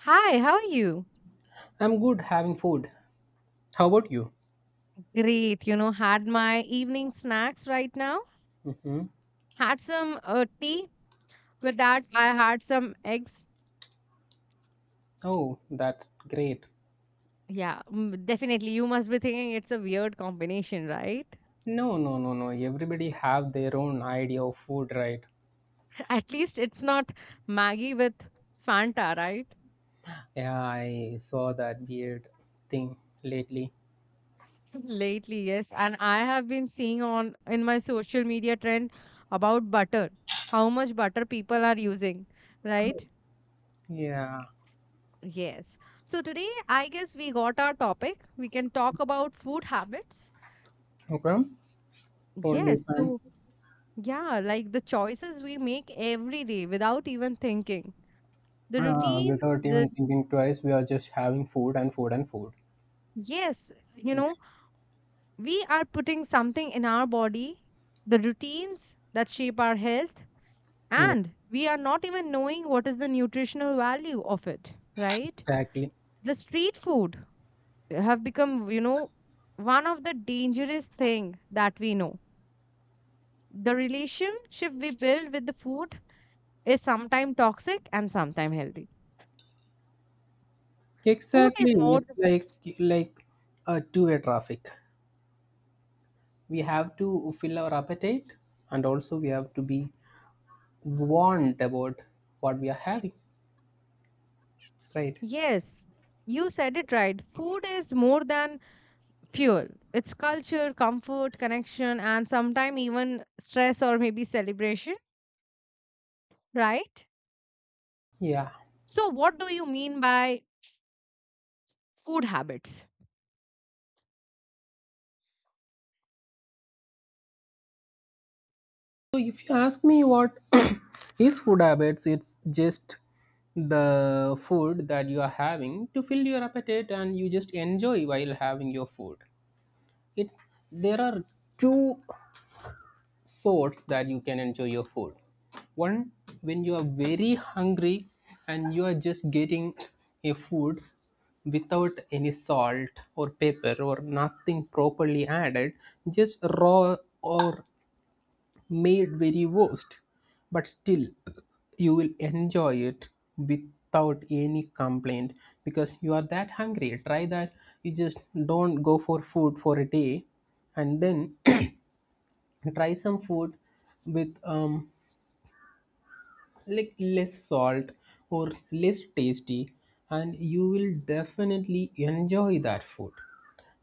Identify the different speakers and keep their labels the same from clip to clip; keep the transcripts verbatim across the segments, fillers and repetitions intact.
Speaker 1: Hi, how are you?
Speaker 2: I'm good having food. How about you?
Speaker 1: Great, you know, had my evening snacks right now.
Speaker 2: Hmm.
Speaker 1: Had some uh, tea. With that, I had some eggs.
Speaker 2: Oh, that's great.
Speaker 1: Yeah, mm, definitely. You must be thinking it's a weird combination, right?
Speaker 2: No, no, no, no. Everybody have their own idea of food, right?
Speaker 1: At least it's not Maggie with Fanta, right?
Speaker 2: Yeah, I saw that weird thing lately.
Speaker 1: Lately, yes. And I have been seeing on in my social media trend about butter, how much butter people are using, right?
Speaker 2: Yeah.
Speaker 1: Yes. So today, I guess we got our topic. We can talk about food habits.
Speaker 2: Okay. Totally
Speaker 1: Yes.
Speaker 2: fine.
Speaker 1: So, yeah, like the choices we make every day without even thinking. The
Speaker 2: Uh,
Speaker 1: routine,
Speaker 2: without even
Speaker 1: the
Speaker 2: thinking twice, we are just having food and food and food.
Speaker 1: yes, you
Speaker 2: Yeah.
Speaker 1: know, we are putting something in our body, the routines that shape our health,
Speaker 2: Yeah,
Speaker 1: and we are not even knowing what is the nutritional value of it, right?
Speaker 2: exactly.
Speaker 1: The street food have become, you know, one of the dangerous thing that we know. The relationship we build with the food is sometimes toxic and sometimes healthy food is
Speaker 2: Exactly.
Speaker 1: more
Speaker 2: It's like like a two-way traffic. We have to fill our appetite, and also we have to be want about what we are having, right?
Speaker 1: Yes, you said it right. Food is more than fuel. It's culture, comfort, connection, and sometimes even stress or maybe celebration, right?
Speaker 2: Yeah.
Speaker 1: So, what do you mean by food habits?
Speaker 2: So if you ask me what is food habits, it's just the food that you are having to fill your appetite and you just enjoy while having your food. It there are two source that you can enjoy your food. One, when you are very hungry and you are just getting a food without any salt or pepper or nothing properly added, just raw or made very worst, but still you will enjoy it without any complaint because you are that hungry. Try that. You just don't go for food for a day and then try some food with um, like less salt or less tasty, and you will definitely enjoy that food.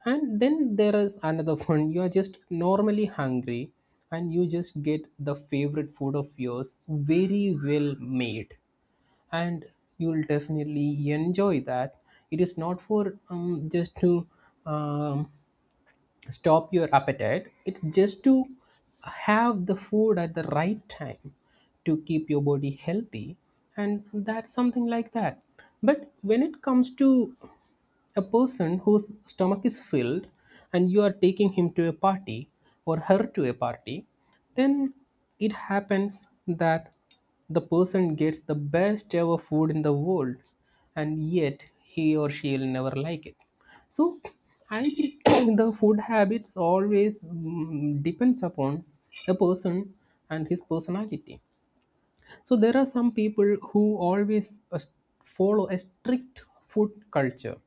Speaker 2: And then there is another one. You are just normally hungry and you just get the favorite food of yours very well made, and you will definitely enjoy that. It is not for um, just to um, stop your appetite. It's just to have the food at the right time to keep your body healthy, and that's something like that. But when it comes to a person whose stomach is filled and you are taking him to a party or her to a party, then it happens that the person gets the best ever food in the world, and yet he or she will never like it. So I think the food habits always mm, depends upon a person and his personality. So there are some people who always uh, follow a strict food culture.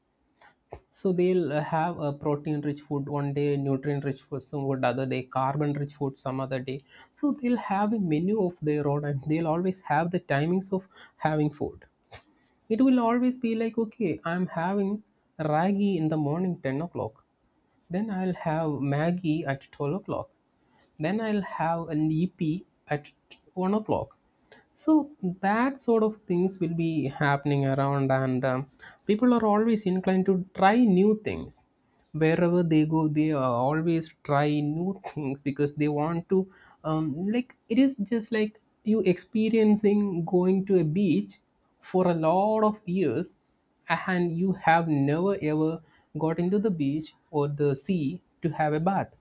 Speaker 2: So they'll uh, have a protein-rich food one day, nutrient-rich food some food other day, carbon-rich food some other day. So they'll have a menu of their own, and they'll always have the timings of having food. It will always be like, okay, I'm having ragi in the morning, ten o'clock, then I'll have Maggie at twelve o'clock. Then I'll have a nippy at one o'clock. So that sort of things will be happening around, and um, people are always inclined to try new things wherever they go. They are always try new things because they want to um, like it is just like you experiencing going to a beach for a lot of years, and you have never ever got into the beach or the sea to have a bath,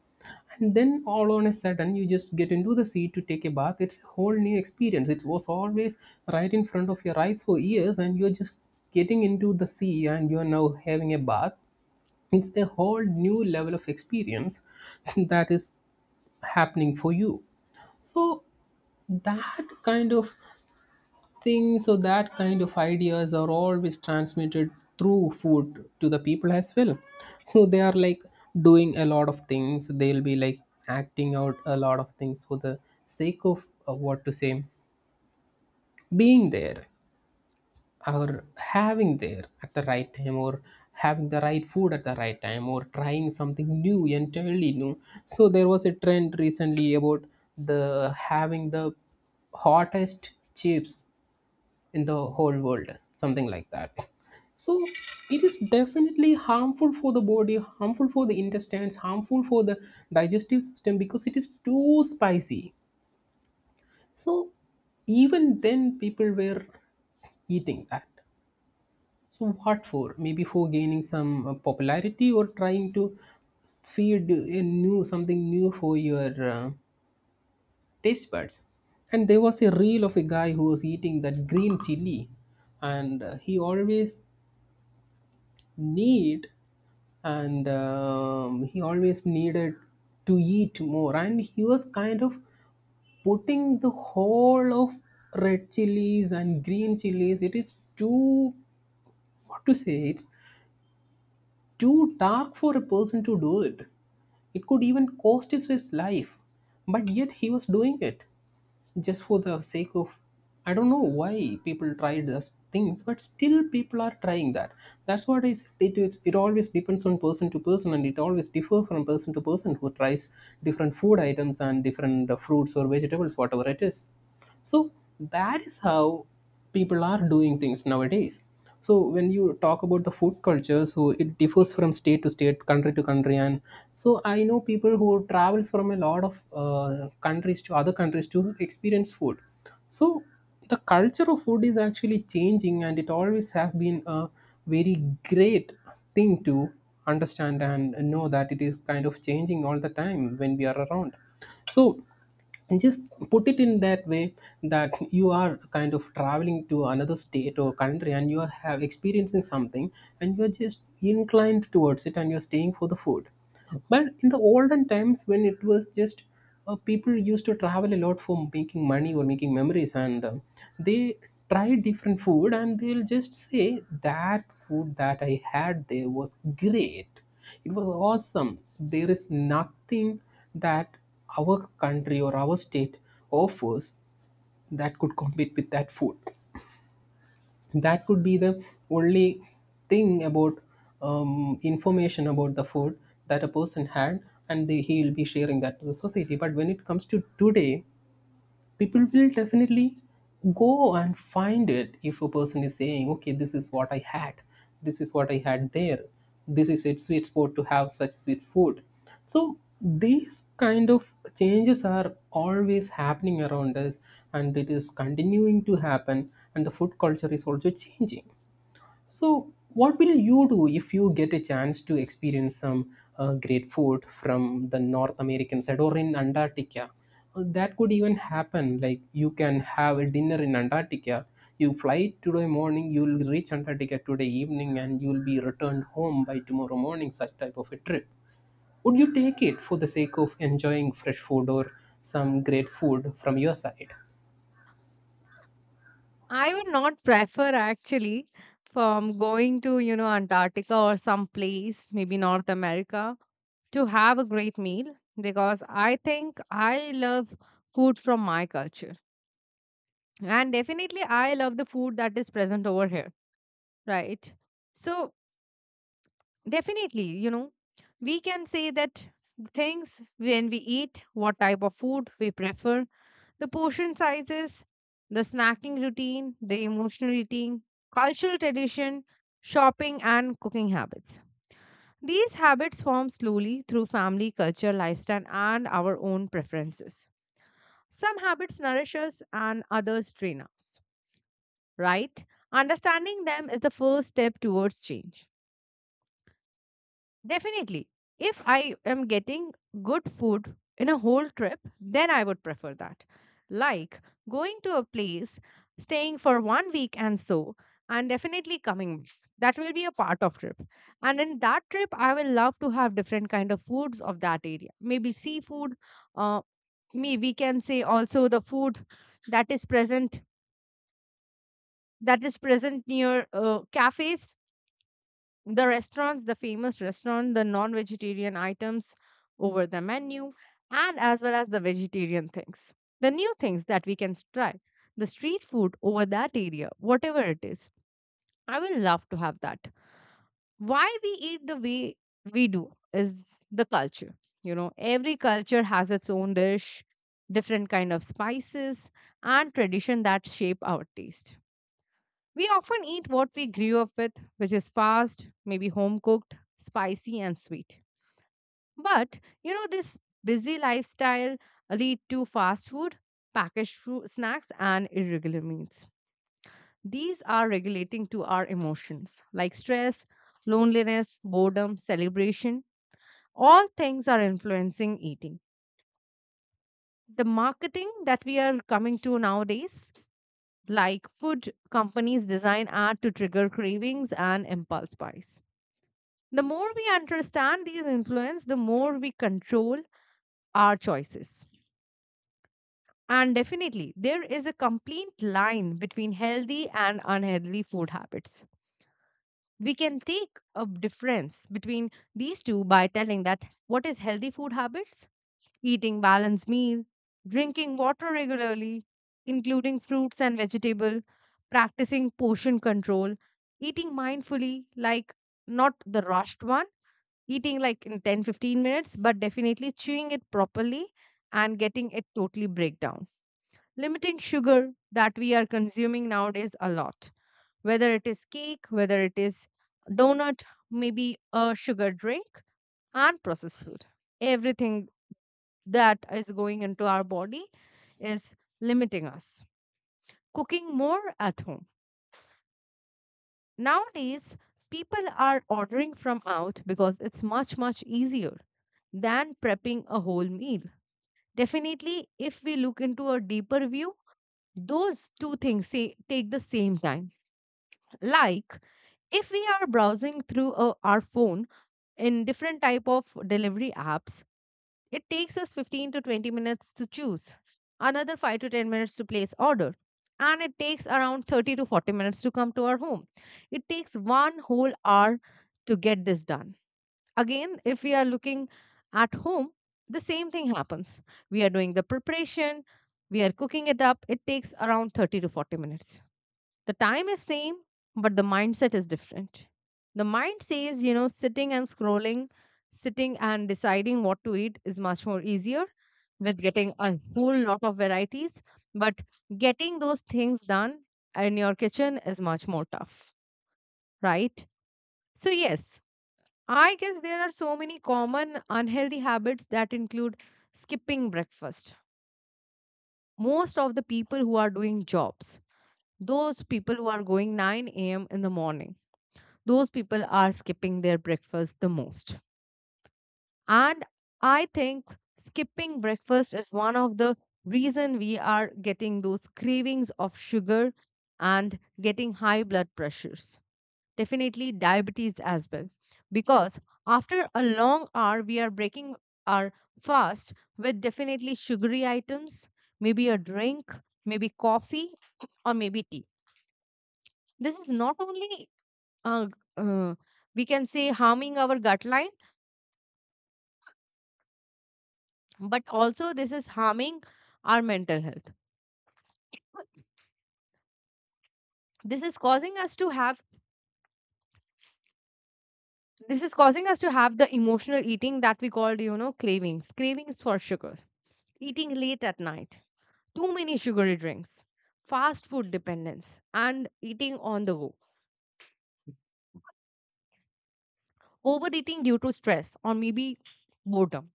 Speaker 2: and then all on a sudden you just get into the sea to take a bath. It's a whole new experience. It was always right in front of your eyes for years, and you're just getting into the sea and you're now having a bath. It's a whole new level of experience that is happening for you. So that kind of think so that kind of ideas are always transmitted through food to the people as well. So they are like doing a lot of things. They'll be like acting out a lot of things for the sake of uh, what to say, being there or having there at the right time or having the right food at the right time or trying something new entirely new. So there was a trend recently about the having the hottest chips in the whole world, something like that. So it is definitely harmful for the body, harmful for the intestines, harmful for the digestive system because it is too spicy. So even then people were eating that. So what for? Maybe for gaining some uh, popularity or trying to feed a new something new for your uh, taste buds. And there was a reel of a guy who was eating that green chili, and uh, he always need and um, he always needed to eat more. And he was kind of putting the whole of red chilies and green chilies. It is too, what to say, it's too dark for a person to do it. It could even cost his, his life, but yet he was doing it just for the sake of, I don't know why people try those things, but still people are trying that. That's what is it is, it always depends on person to person, and it always differ from person to person who tries different food items and different uh, fruits or vegetables, whatever it is. So that is how people are doing things nowadays. So when you talk about the food culture, so it differs from state to state, country to country. And so I know people who travels from a lot of uh, countries to other countries to experience food. So the culture of food is actually changing, and it always has been a very great thing to understand and know that it is kind of changing all the time when we are around. So, and just put it in that way, that you are kind of traveling to another state or country, and you are have experiencing something, and you are just inclined towards it, and you're staying for the food. But in the olden times, when it was just uh, people used to travel a lot for making money or making memories, and uh, they try different food, and they'll just say that food that I had there was great. It was awesome. There is nothing that our country or our state offers that could compete with that food. That could be the only thing about um, information about the food that a person had, and they, he will be sharing that to the society. But when it comes to today, people will definitely go and find it. If a person is saying, okay, this is what I had this is what I had there, this is a sweet spot to have such sweet food. So these kind of changes are always happening around us, and it is continuing to happen, and the food culture is also changing. So, what will you do if you get a chance to experience some uh, great food from the North American side or in Antarctica? Uh, That could even happen. Like you can have a dinner in Antarctica. You fly today morning, you'll reach Antarctica today evening, and you'll be returned home by tomorrow morning. Such type of a trip. Would you take it for the sake of enjoying fresh food or some great food from your side?
Speaker 1: I would not prefer actually from going to, you know, Antarctica or some place, maybe North America, to have a great meal because I think I love food from my culture. And definitely, I love the food that is present over here. Right. So, definitely, you know, we can say that things when we eat, what type of food we prefer, the portion sizes, the snacking routine, the emotional eating, cultural tradition, shopping, and cooking habits. These habits form slowly through family, culture, lifestyle, and our own preferences. Some habits nourish us and others train us, right? Understanding them is the first step towards change. Definitely. If I am getting good food in a whole trip, then I would prefer that. Like going to a place, staying for one week and so, and definitely coming back. That will be a part of trip. And in that trip, I will love to have different kind of foods of that area. Maybe seafood. Uh, me We can say also the food that is present that is present near uh, cafes, the restaurants, the famous restaurant, the non vegetarian items over the menu, and as well as the vegetarian things, the new things that we can try, the street food over that area, whatever it is. I will love to have that. Why we eat the way we do is the culture. You know, every culture has its own dish, different kind of spices, and tradition that shape our taste. We often eat what we grew up with, which is fast, maybe home cooked, spicy, and sweet. But you know, this busy lifestyle lead to fast food, packaged food, snacks, and irregular meals. These are regulating to our emotions like stress, loneliness, boredom, celebration. All things are influencing eating. The marketing that we are coming to nowadays, like food companies design ad to trigger cravings and impulse buys. The more we understand these influence, the more we control our choices. And definitely, there is a complete line between healthy and unhealthy food habits. We can take a difference between these two by telling that what is healthy food habits? Eating balanced meal, drinking water regularly, including fruits and vegetable, practicing portion control, eating mindfully like not the rushed one, eating like in ten fifteen minutes, but definitely chewing it properly and getting it totally break down, limiting sugar that we are consuming nowadays a lot, whether it is cake, whether it is donut, maybe a sugar drink and processed food. Everything that is going into our body is limiting us. Cooking more at home, nowadays people are ordering from out because it's much much easier than prepping a whole meal. Definitely, if we look into a deeper view, those two things say, take the same time. Like if we are browsing through uh, our phone in different type of delivery apps, it takes us fifteen to twenty minutes to choose, another five to ten minutes to place order, and it takes around thirty to forty minutes to come to our home. It takes one whole hour to get this done. Again, if we are looking at home, the same thing happens. We are doing the preparation, we are cooking it up. It takes around thirty to forty minutes. The time is same, but the mindset is different. The mind says, you know, sitting and scrolling, sitting and deciding what to eat is much more easier with getting a whole lot of varieties, but getting those things done in your kitchen is much more tough, right? So, yes, I guess there are so many common unhealthy habits that include skipping breakfast. Most of the people who are doing jobs, those people who are going nine a m in the morning, those people are skipping their breakfast the most. And I think skipping breakfast is one of the reason we are getting those cravings of sugar and getting high blood pressures, definitely diabetes as well, because after a long hour we are breaking our fast with definitely sugary items, maybe a drink, maybe coffee, or maybe tea. This is not only uh, uh, we can say harming our gut line, but also this is harming our mental health. this is causing us to have this is causing us to have the emotional eating that we called, you know, cravings, cravings for sugar, eating late at night, too many sugary drinks, fast food dependence, and eating on the go, overeating due to stress or maybe boredom.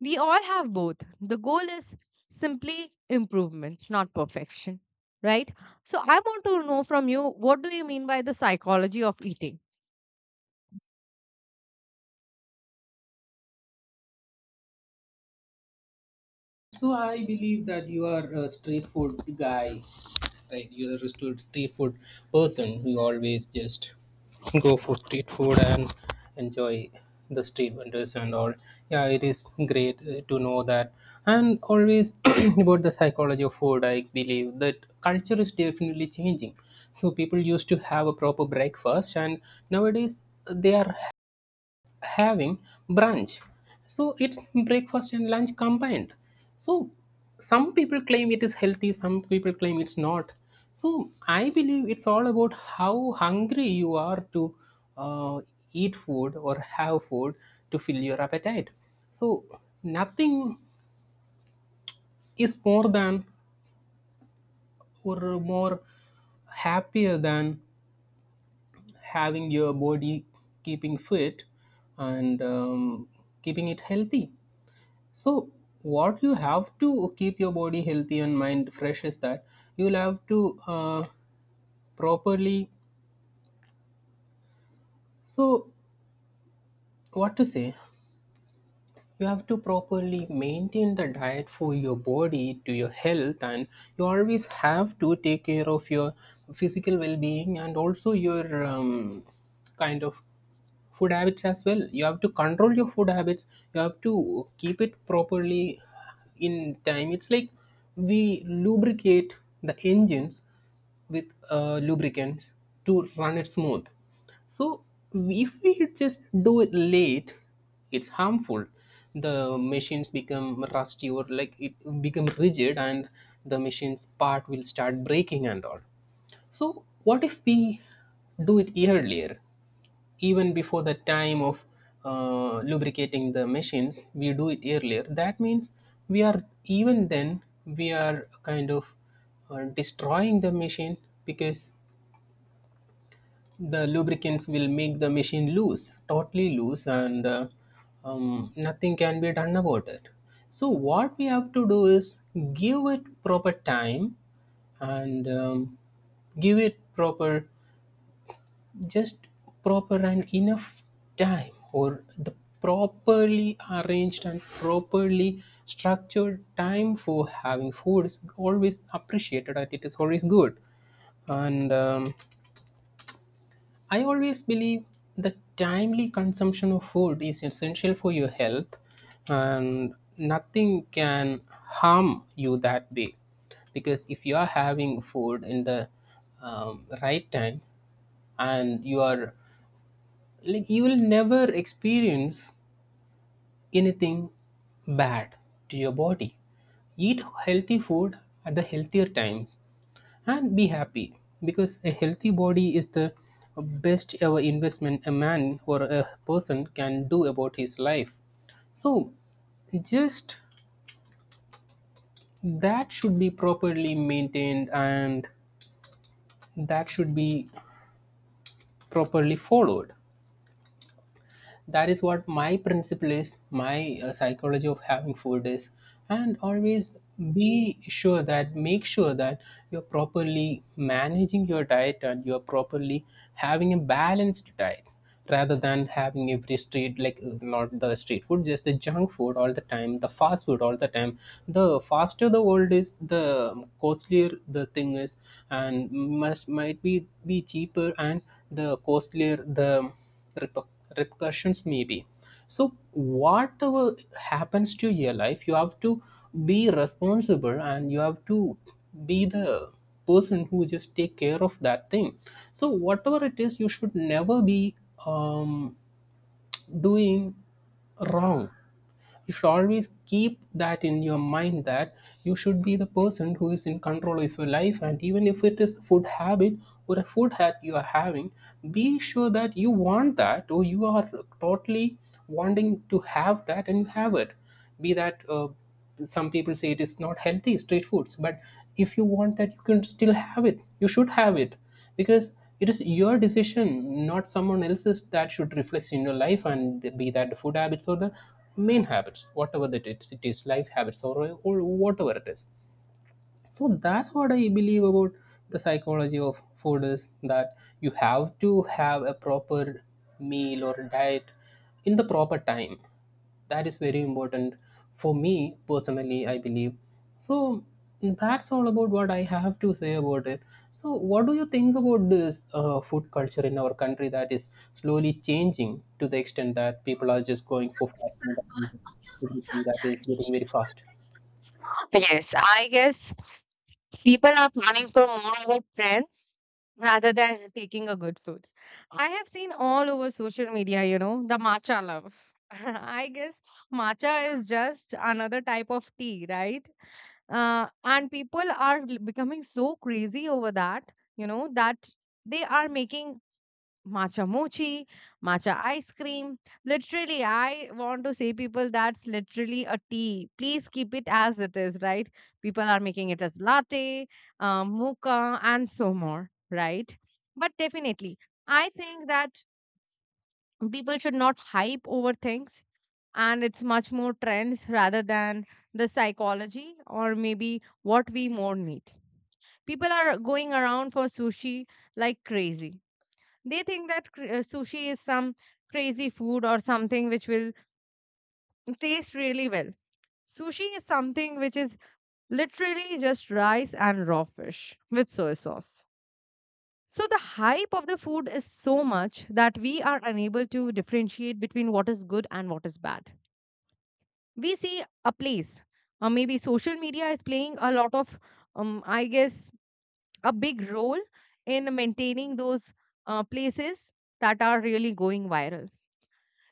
Speaker 1: We all have both. The goal is simply improvement, not perfection, right? So I want to know from you, what do you mean by the psychology of eating?
Speaker 2: So I believe that you are a street food guy, right? You're a restaurant street food person who always just go for street food and enjoy the street vendors and all. Yeah, it is great uh, to know that. And always about the psychology of food, I believe that culture is definitely changing. So people used to have a proper breakfast, and nowadays they are having brunch. So it's breakfast and lunch combined. So some people claim it is healthy, some people claim it's not. So I believe it's all about how hungry you are to uh, eat food or have food to fill your appetite. So nothing is more than or more happier than having your body keeping fit and um, keeping it healthy. So, what you have to keep your body healthy and mind fresh is that you'll have to uh, properly. So, what to say? You have to properly maintain the diet for your body to your health, and you always have to take care of your physical well being and also your um, kind of food habits as well. You have to control your food habits. You have to keep it properly in time. It's like we lubricate the engines with uh, lubricants to run it smooth. So if we just do it late, it's harmful. The machines become rusty, or like it become rigid, and the machine's part will start breaking and all. So what if we do it earlier, even before the time of uh, lubricating the machines, we do it earlier? That means we are, even then we are kind of uh, destroying the machine, because the lubricants will make the machine loose, totally loose, and uh, um, nothing can be done about it. So what we have to do is give it proper time, and um, give it proper, just proper and enough time, or the properly arranged and properly structured time for having food is always appreciated, and it is always good. And um, I always believe that timely consumption of food is essential for your health, and nothing can harm you that way. Because if you are having food in the um, right time, and you are, like, you will never experience anything bad to your body. Eat healthy food at the healthier times and be happy, because a healthy body is the best ever investment a man or a person can do about his life. So, just, that should be properly maintained, and that should be properly followed. That is what my principle is, my uh, psychology of having food is. And always be sure that, make sure that you're properly managing your diet and you're properly having a balanced diet, rather than having every street, like, uh, not the street food, just the junk food all the time, the fast food all the time. The faster the world is, the costlier the thing is, and must, might be be cheaper, and the costlier the repercussions may be. So whatever happens to your life, you have to be responsible, and you have to be the person who just take care of that thing. So whatever it is, you should never be um, doing wrong. You should always keep that in your mind, that you should be the person who is in control of your life. And even if it is food habit or a food that you are having, be sure that you want that, or you are totally wanting to have that, and you have it. Be that, uh, some people say it is not healthy, street foods, but if you want that, you can still have it, you should have it. Because it is your decision, not someone else's, that should reflect in your life. And be that the food habits or the main habits, whatever that it, is, it is life habits, or, or whatever it is. So that's what I believe about the psychology of food is, that you have to have a proper meal or diet in the proper time. That is very important for me personally, I believe. So that's all about what I have to say about it. So what do you think about this uh, food culture in our country, that is slowly changing to the extent that people are just going for fast food, that is getting very fast?
Speaker 1: Yes, I guess people are planning for more about friends rather than taking a good food. I have seen all over social media, you know, the matcha love. I guess matcha is just another type of tea, right? Uh, and people are l- becoming so crazy over that, you know, that they are making matcha mochi, matcha ice cream. Literally, I want to say people that's literally a tea. Please keep it as it is, right? People are making it as latte, um, mocha, and so more, right? But definitely, I think that people should not hype over things. And it's much more trends rather than the psychology or maybe what we more need. People are going around for sushi like crazy. They think that cr- uh, sushi is some crazy food or something which will taste really well. Sushi is something which is literally just rice and raw fish with soy sauce. So the hype of the food is so much that we are unable to differentiate between what is good and what is bad. We see a place, or maybe social media is playing a lot of, um, I guess, a big role in maintaining those uh, places that are really going viral.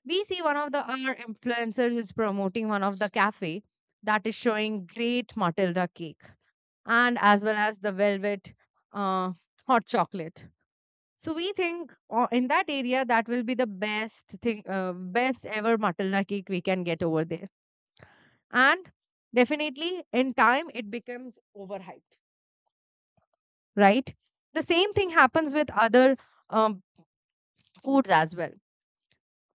Speaker 1: We see one of the our influencers is promoting one of the cafe that is showing great matilda cake, and as well as the velvet uh, hot chocolate. So we think uh, in that area that will be the best thing, uh, best ever matilda cake we can get over there. And definitely in time it becomes overhyped, right? The same thing happens with other um, foods as well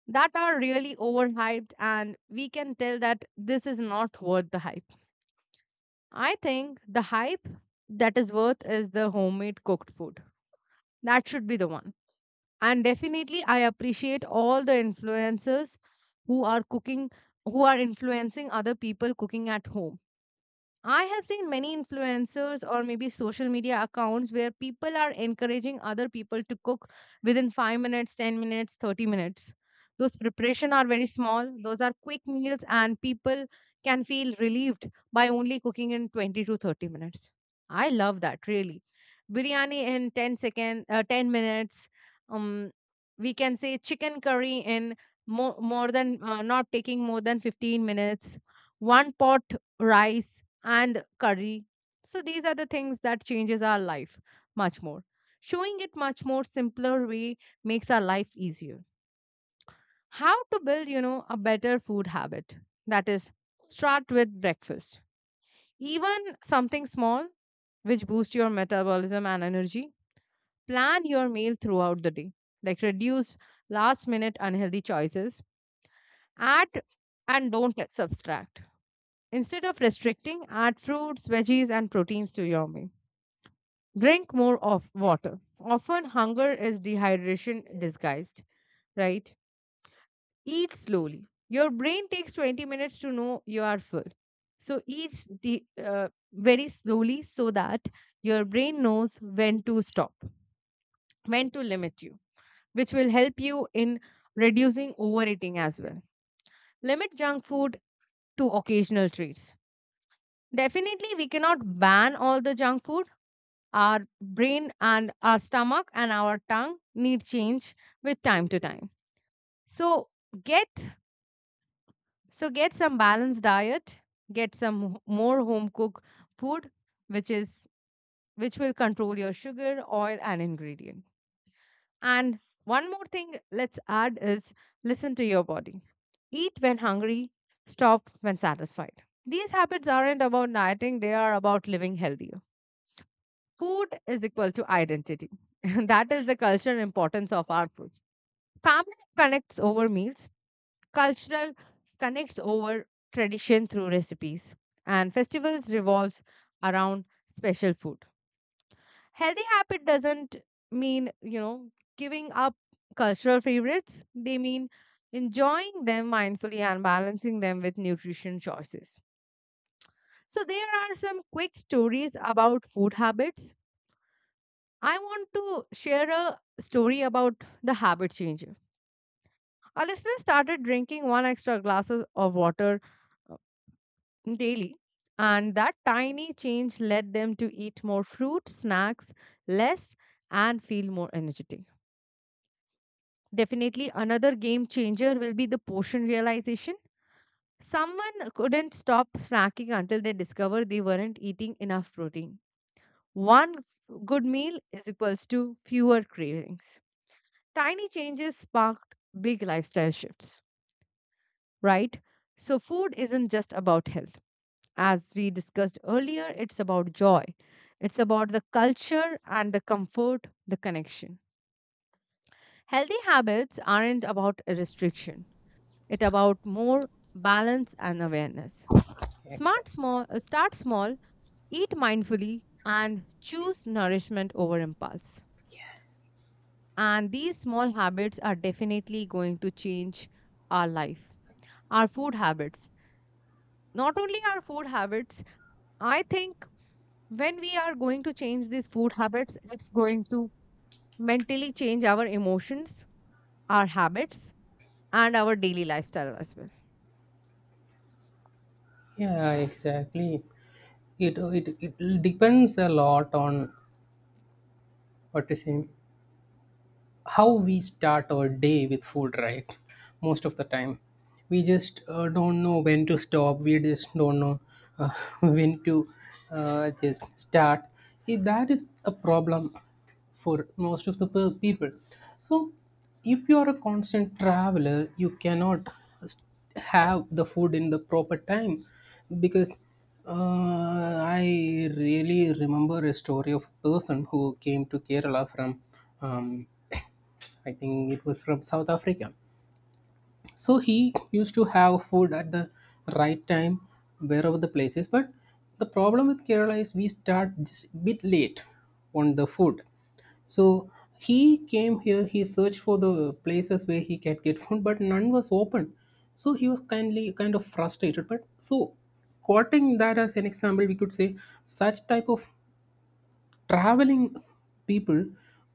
Speaker 1: that are really overhyped, and we can tell that this is not worth the hype. I think the hype that is worth is the homemade cooked food. That should be the one. And definitely, I appreciate all the influencers who are cooking, who are influencing other people cooking at home. I have seen many influencers or maybe social media accounts where people are encouraging other people to cook within five minutes, ten minutes, thirty minutes. Those preparation are very small, those are quick meals, and people can feel relieved by only cooking in twenty to thirty minutes. I love that really. Biryani in ten second uh, ten minutes. Um we can say chicken curry in more, more than uh, not taking more than fifteen minutes. One pot rice and curry. So these are the things that changes our life much more. Showing it much more simpler way makes our life easier. How to build, you know, a better food habit. That is, start with breakfast. Even something small which boosts your metabolism and energy. Plan your meal throughout the day. Like reduce last minute unhealthy choices. Add and don't subtract. Instead of restricting, add fruits, veggies, and proteins to your meal. Drink more of water. Often hunger is dehydration disguised, right? Eat slowly. Your brain takes twenty minutes to know you are full. So eat the uh, very slowly so that your brain knows when to stop, when to limit you, which will help you in reducing overeating as well. Limit junk food to occasional treats. Definitely, we cannot ban all the junk food. Our brain and our stomach and our tongue need change with time to time. So get so get some balanced diet, get some h- more home cooked food, which is which will control your sugar, oil, and ingredient. And one more thing let's add is, listen to your body. Eat when hungry, stop when satisfied. These habits aren't about dieting, they are about living healthier. Food is equal to identity. That is the cultural importance of our food. Family connects over meals, cultural connects over tradition through recipes, and festivals revolves around special food. Healthy habit doesn't mean, you know, giving up cultural favorites. They mean enjoying them mindfully and balancing them with nutrition choices. So, there are some quick stories about food habits. I want to share a story about the habit change. Our listener started drinking one extra glass of water uh, daily, and that tiny change led them to eat more fruit, snacks, less, and feel more energetic. Definitely, another game changer will be the portion realization. Someone couldn't stop snacking until they discovered they weren't eating enough protein. One good meal is equals to fewer cravings. Tiny changes sparked big lifestyle shifts, right? So, food isn't just about health. As we discussed earlier, it's about joy. It's about the culture and the comfort, the connection. Healthy habits aren't about a restriction. It's about more balance and awareness. Smart
Speaker 2: Exactly.
Speaker 1: small, uh, start small, eat mindfully, and choose nourishment over impulse.
Speaker 2: Yes.
Speaker 1: And these small habits are definitely going to change our life, our food habits. Not only our food habits, I think when we are going to change these food habits, it's going to mentally change our emotions, our habits, and our daily lifestyle as well.
Speaker 2: Yeah, exactly. It it it depends a lot on what is im- how we start our day with food, right? Most of the time, we just uh, don't know when to stop, we just don't know uh, when to uh, just start, if that is a problem for most of the pe- people. So if you are a constant traveler, you cannot s- have the food in the proper time, because uh, I really remember a story of a person who came to Kerala from um, I think it was from South Africa. So he used to have food at the right time wherever the place is. But the problem with Kerala is we start just a bit late on the food. So he came here, he searched for the places where he can get food, but none was open. So he was kindly, kind of frustrated. But so, quoting that as an example, we could say such type of traveling people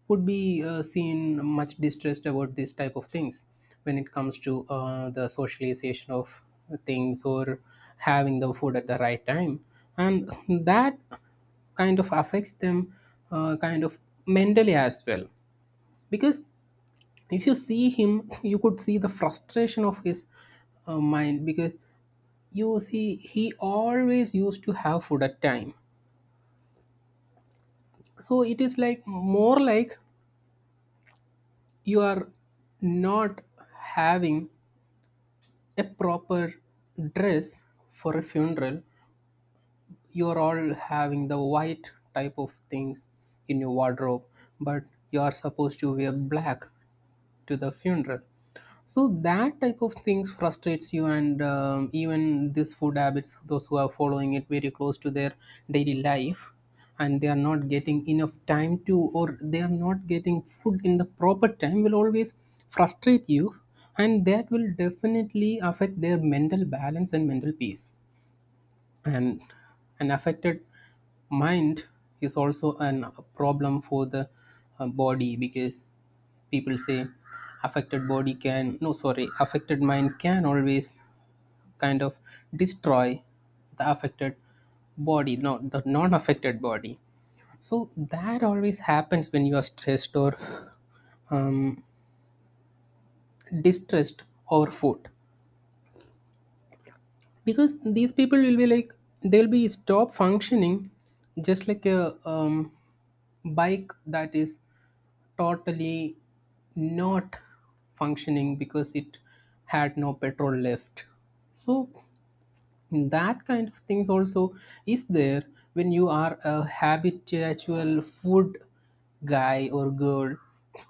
Speaker 2: would be uh, seen much distressed about this type of things when it comes to uh, the socialization of things, or having the food at the right time, and that kind of affects them uh, kind of mentally as well. Because if you see him you could see the frustration of his uh, mind, because you see he always used to have food at time. So it is like, more like, you are not having a proper dress for a funeral. You are all having the white type of things in your wardrobe, but you are supposed to wear black to the funeral. So that type of things frustrates you. And um, even this food habits, those who are following it very close to their daily life, and they are not getting enough time to, or they are not getting food in the proper time, will always frustrate you. And that will definitely affect their mental balance and mental peace. And an affected mind is also an, a problem for the uh, body. Because people say affected body can, no, sorry, affected mind can always kind of destroy the affected body, not the non affected body. So that always happens when you are stressed or um, distressed over food. Because these people will be like, they'll be stop functioning, just like a um, bike that is totally not functioning because it had no petrol left. So that kind of things also is there when you are a habitual food guy or girl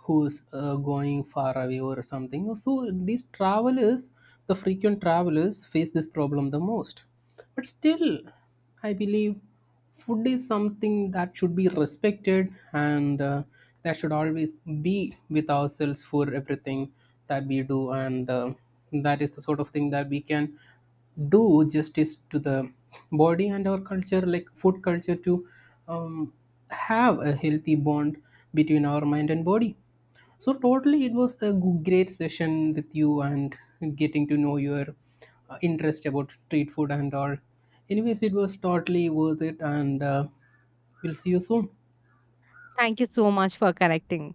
Speaker 2: who's uh, going far away or something. So these travelers, the frequent travelers, face this problem the most. But still, I believe food is something that should be respected, and uh, that should always be with ourselves for everything that we do. And uh, that is the sort of thing that we can do justice to the body and our culture, like food culture, to um, have a healthy bond between our mind and body. So totally, it was a g- great session with you, and getting to know your uh, interest about street food and all. Anyways, it was totally worth it, and uh, we'll see you soon.
Speaker 1: Thank you so much for connecting.